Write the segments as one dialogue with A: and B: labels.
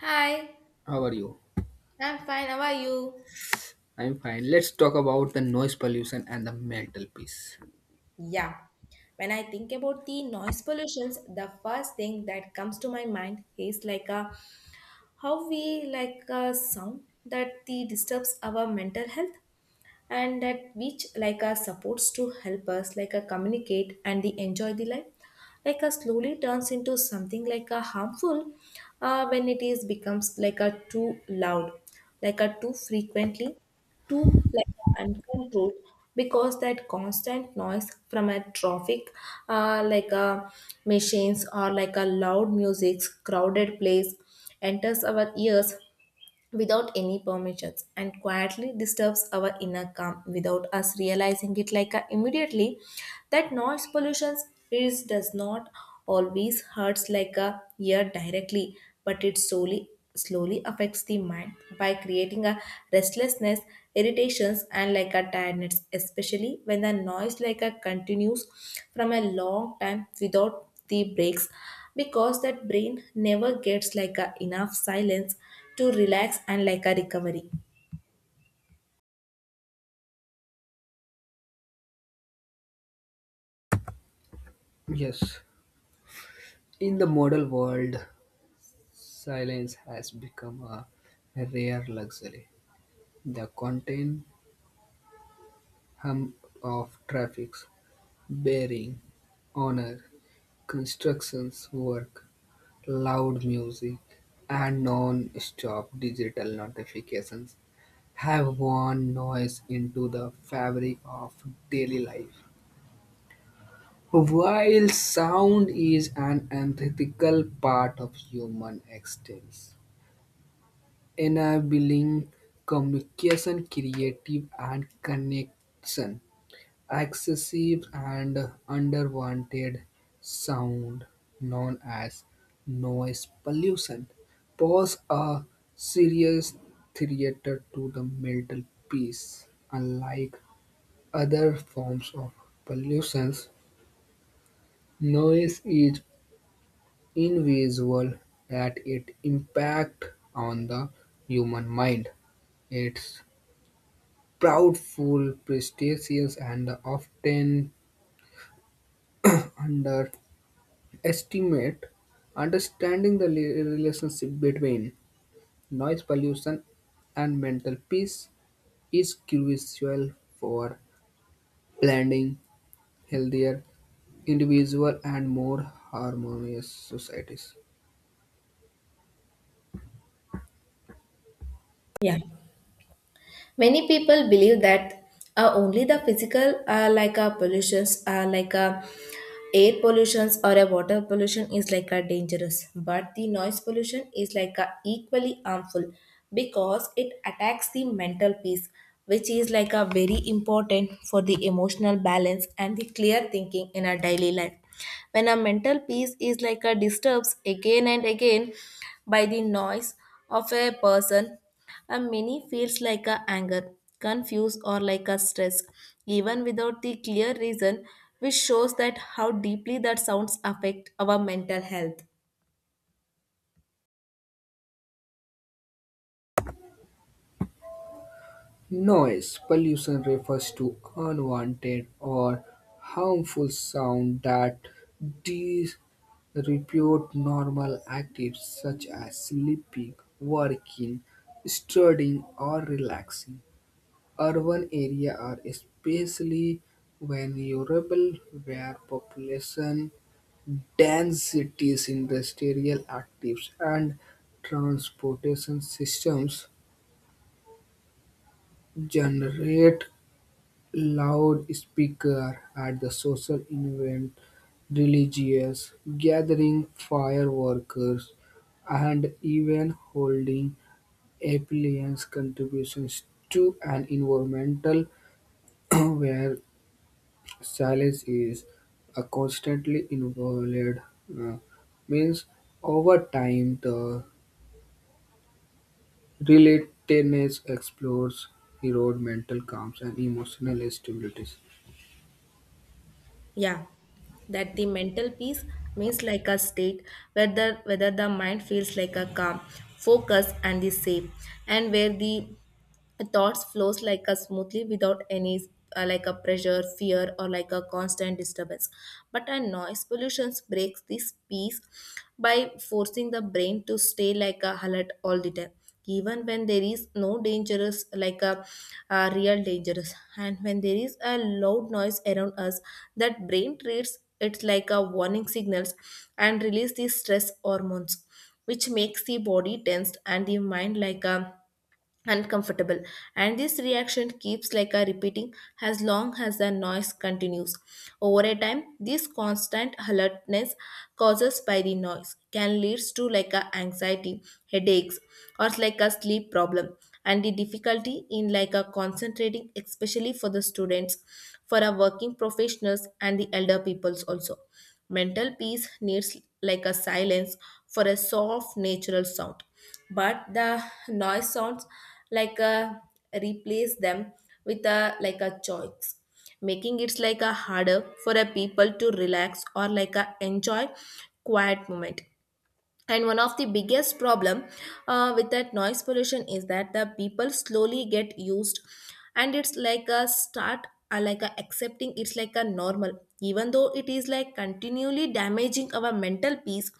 A: Hi,
B: How are you?
A: I'm fine. How are you?
B: I'm fine. Let's talk about the noise pollution and the mental peace.
A: Yeah, when I think about the noise pollutions, the first thing that comes to my mind is like a how we like a sound that the disturbs our mental health. And that which like are supports to help us like a communicate and the enjoy the life like a slowly turns into something like a harmful when it is becomes like a too loud, like a too frequently, too like uncontrolled, because that constant noise from a traffic, like a machines or like a loud music crowded place, enters our ears without any permissions and quietly disturbs our inner calm without us realizing it like immediately. That noise pollution is does not always hurts like a ear directly, but it slowly affects the mind by creating a restlessness, irritations and like a tiredness, especially when the noise like a continues from a long time without the breaks, because that brain never gets like a enough silence to relax and like a recovery.
B: Yes, in the modern world, silence has become a rare luxury. The constant hum of traffic, bearing, honor, constructions work, loud music, and non-stop digital notifications have worn noise into the fabric of daily life. While sound is an antithetical part of human existence, enabling communication, creative and connection, excessive and underwanted sound, known as noise pollution, pose a serious threat to the mental peace. Unlike other forms of pollution, noise is invisible at its impact on the human mind. It's proudful, prestigious, and often underestimate understanding the relationship between noise pollution and mental peace is crucial for blending healthier individual and more harmonious societies.
A: Yeah. Many people believe that only the physical, like a pollutions, like a air pollutions or a water pollution is like a dangerous, but the noise pollution is like a equally harmful because it attacks the mental peace, which is like a very important for the emotional balance and the clear thinking in our daily life. When our mental peace is like a disturbs again and again by the noise of a person and many feels like a anger, confused or like a stress, even without the clear reason, which shows that how deeply that sounds affect our mental health.
B: Noise pollution refers to unwanted or harmful sound that disrepute normal activities such as sleeping, working, studying, or relaxing. Urban areas are especially vulnerable where population densities, industrial activities, and transportation systems generate loudspeaker at the social event, religious gathering, fireworks, and even holding appliance contributions to an environmental where silence is a constantly involved. Uh, means over time the relatedness explores erode mental calms and emotional stability.
A: Yeah, that the mental peace means like a state whether the mind feels like a calm, focus and the safe, and where the thoughts flows like a smoothly without any like a pressure, fear or like a constant disturbance. But a noise pollution breaks this peace by forcing the brain to stay like a alert all the time, even when there is no dangerous like a real dangerous. And when there is a loud noise around us, that brain treats it like a warning signals and release these stress hormones, which makes the body tensed and the mind like a uncomfortable. And this reaction keeps like a repeating as long as the noise continues. Over a time, this constant alertness causes by the noise can leads to like a anxiety, headaches or like a sleep problem, and the difficulty in like a concentrating, especially for the students, for our working professionals and the elder peoples also. Mental peace needs like a silence for a soft natural sound, but the noise sounds like a replace them with a like a choice, making it like a harder for a people to relax or like a enjoy quiet moment. And one of the biggest problem with that noise pollution is that the people slowly get used and it's like a start like a accepting it's like a normal, even though it is like continually damaging our mental peace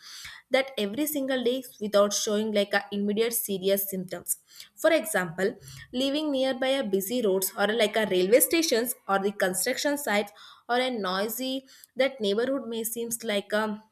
A: that every single day without showing like a immediate serious symptoms. For example, living nearby a busy roads or like a railway stations or the construction sites or a noisy that neighborhood may seems like a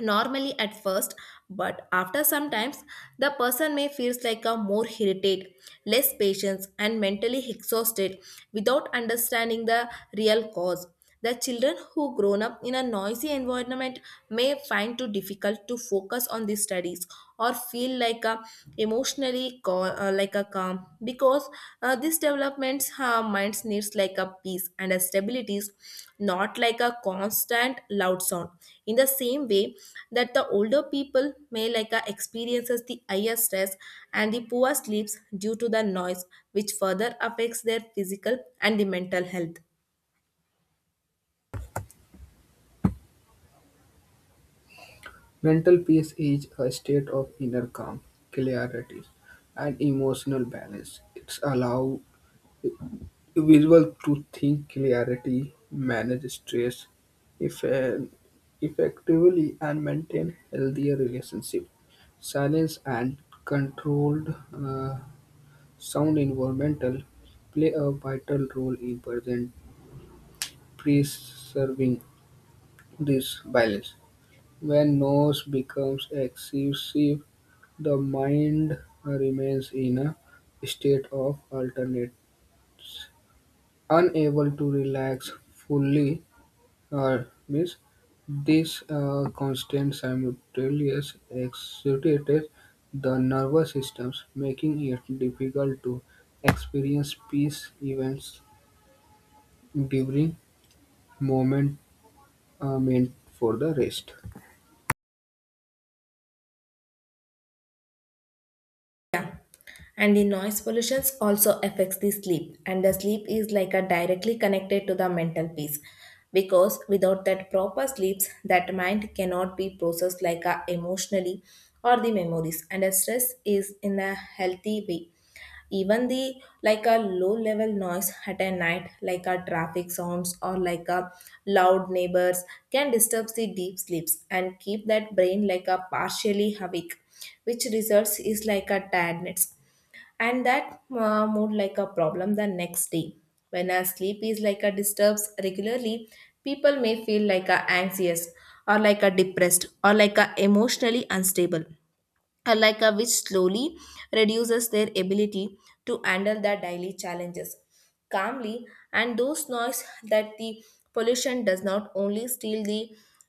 A: normally at first, but after sometimes the person may feels like a more irritated, less patience and mentally exhausted without understanding the real cause. The children who grown up in a noisy environment may find too difficult to focus on the studies or feel like a emotionally call like a calm, because these developments minds needs like a peace and a stabilities, not like a constant loud sound. In the same way, that the older people may like experiences the higher stress and the poor sleeps due to the noise, which further affects their physical and the mental health.
B: Mental peace is a state of inner calm, clarity, and emotional balance. It allows individuals to think clarity, manage stress effe- effectively, and maintain healthier relationships. Silence and controlled sound environmental play a vital role in present preserving this balance. When noise becomes excessive, the mind remains in a state of alternates, unable to relax fully. Means this constant simultaneous excitates the nervous systems, making it difficult to experience peace events during moment meant for the rest.
A: And the noise pollution also affects the sleep, and the sleep is like a directly connected to the mental peace because without that proper sleeps that mind cannot be processed like a emotionally or the memories and the stress is in a healthy way. Even the like a low level noise at a night like a traffic sounds or like a loud neighbors can disturb the deep sleeps and keep that brain like a partially awake, which results is like a tiredness and that more like a problem the next day. When our sleep is like a disturbs regularly, people may feel like a anxious or like a depressed or like a emotionally unstable, or like a which slowly reduces their ability to handle their daily challenges calmly. And those noise that the pollution does not only steal the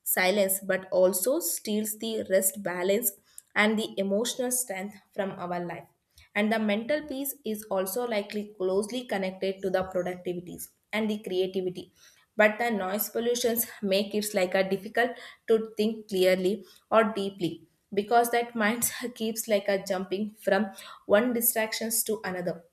A: silence but also steals the rest balance and the emotional strength from our life. And the mental peace is also likely closely connected to the productivities and the creativity. But the noise pollutions make it like a difficult to think clearly or deeply because that mind keeps like a jumping from one distractions to another.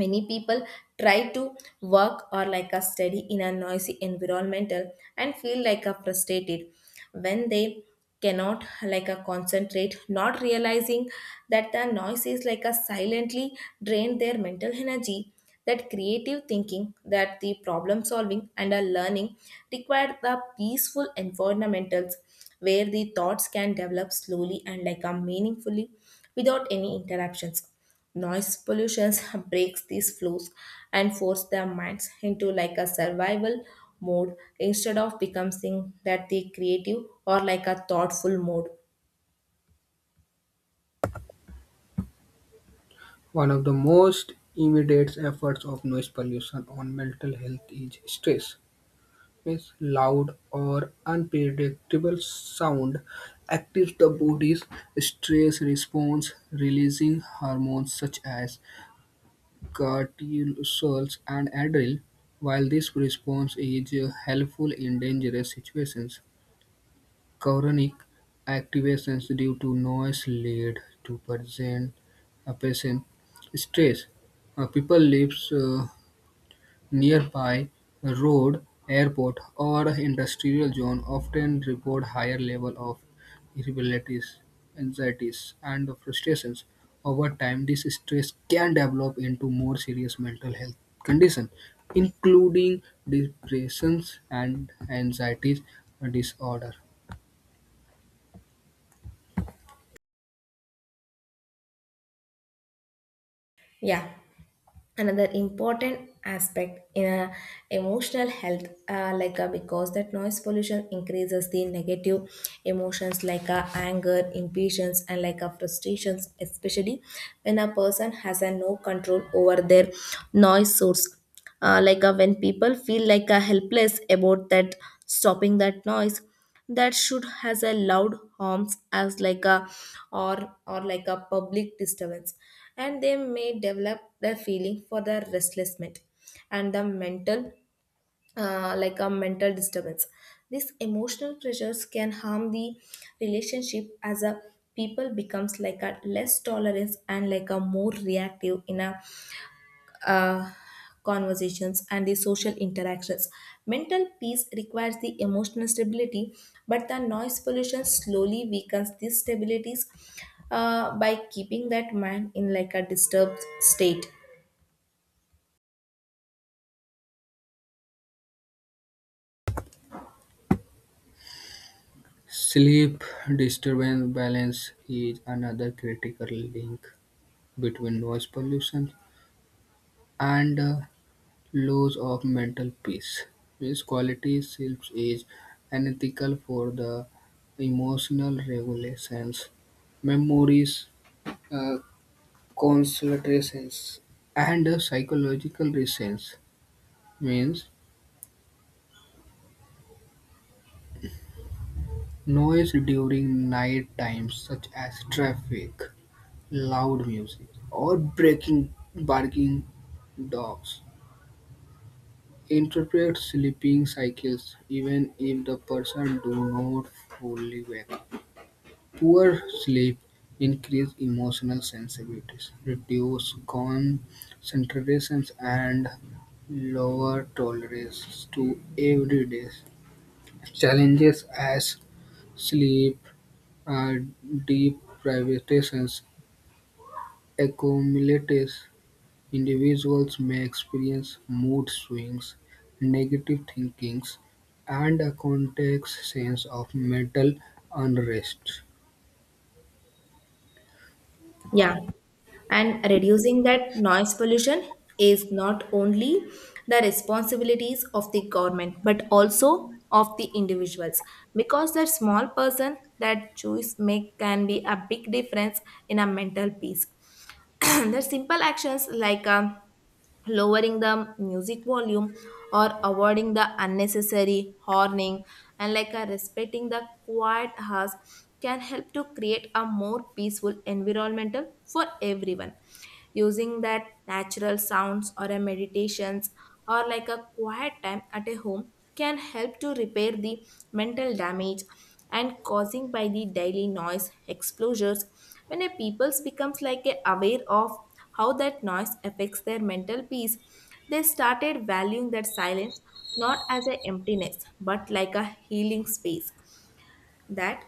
A: Many people try to work or like a study in a noisy environmental and feel like a frustrated when they cannot like a concentrate, not realizing that the noise is like a silently drain their mental energy. That creative thinking, that the problem solving and a learning require the peaceful environmentals where the thoughts can develop slowly and like a meaningfully without any interruptions. Noise pollution breaks these flows and force their minds into like a survival mode instead of becoming that the creative or like a thoughtful mode.
B: One of the most immediate efforts of noise pollution on mental health is stress. Its loud or unpredictable sound activates the body's stress response, releasing hormones such as cortisol and adrenaline. While this response is helpful in dangerous situations, chronic activations due to noise lead to present a patient stress. People live nearby road, airport, or industrial zone often report higher level of irritabilities, anxieties, and frustrations. Over time, this stress can develop into more serious mental health conditions, including depressions and anxiety disorder.
A: Yeah. Another important aspect in a emotional health like because that noise pollution increases the negative emotions like anger, impatience and like frustrations, especially when a person has a no control over their noise source. Like when people feel like helpless about that stopping that noise that should has a loud harms as like a or like a public disturbance, and they may develop the feeling for the restlessment and the mental like a mental disturbance. These emotional pressures can harm the relationship as a people becomes like a less tolerance and like a more reactive in a uh, conversations and the social interactions. Mental peace requires the emotional stability, but the noise pollution slowly weakens these stabilities by keeping that mind in like a disturbed state.
B: Sleep disturbance balance is another critical link between noise pollution and loss of mental peace. This quality self is unethical for the emotional regulations, memories, uh, concentrations, and psychological reasons. Means noise during night times, such as traffic, loud music, or breaking, barking dogs. Interpret sleeping cycles even if the person do not fully wake. Poor sleep increases emotional sensitivities, reduces concentrations, and lower tolerance to everyday challenges as sleep uh, deprivations accumulates. Individuals may experience mood swings, negative thinkings, and a complex sense of mental unrest.
A: Yeah, and reducing that noise pollution is not only the responsibilities of the government but also of the individuals, because that small person that choice make can be a big difference in a mental peace. The simple actions like lowering the music volume or avoiding the unnecessary horning and like a respecting the quiet house can help to create a more peaceful environmental for everyone. Using that natural sounds or a meditations or like a quiet time at a home can help to repair the mental damage and causing by the daily noise exposures. When a people's becomes like a aware of how that noise affects their mental peace, they started valuing that silence not as an emptiness but like a healing space. That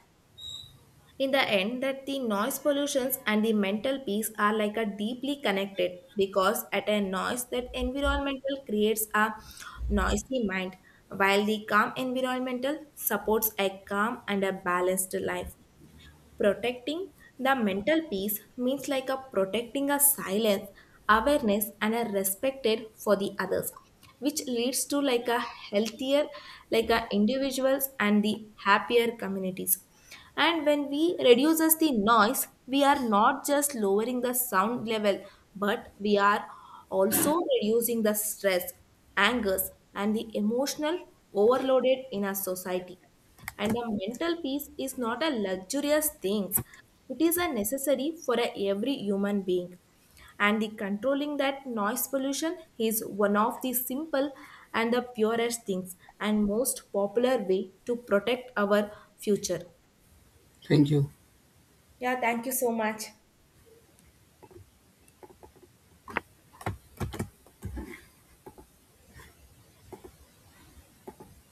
A: in the end, that the noise pollutions and the mental peace are like a deeply connected because at a noise that environmental creates a noisy mind, while the calm environmental supports a calm and a balanced life. Protecting the mental peace means like a protecting a silence, awareness, and a respected for the others, which leads to like a healthier, like a individuals and the happier communities. And when we reduces the noise, we are not just lowering the sound level, but we are also reducing the stress, angers, and the emotional overloaded in our society. And a mental peace is not a luxurious thing, it is a necessary for a every human being. And the controlling that noise pollution is one of the simple and the purest things and most popular way to protect our future.
B: Thank you.
A: Yeah, thank you so much.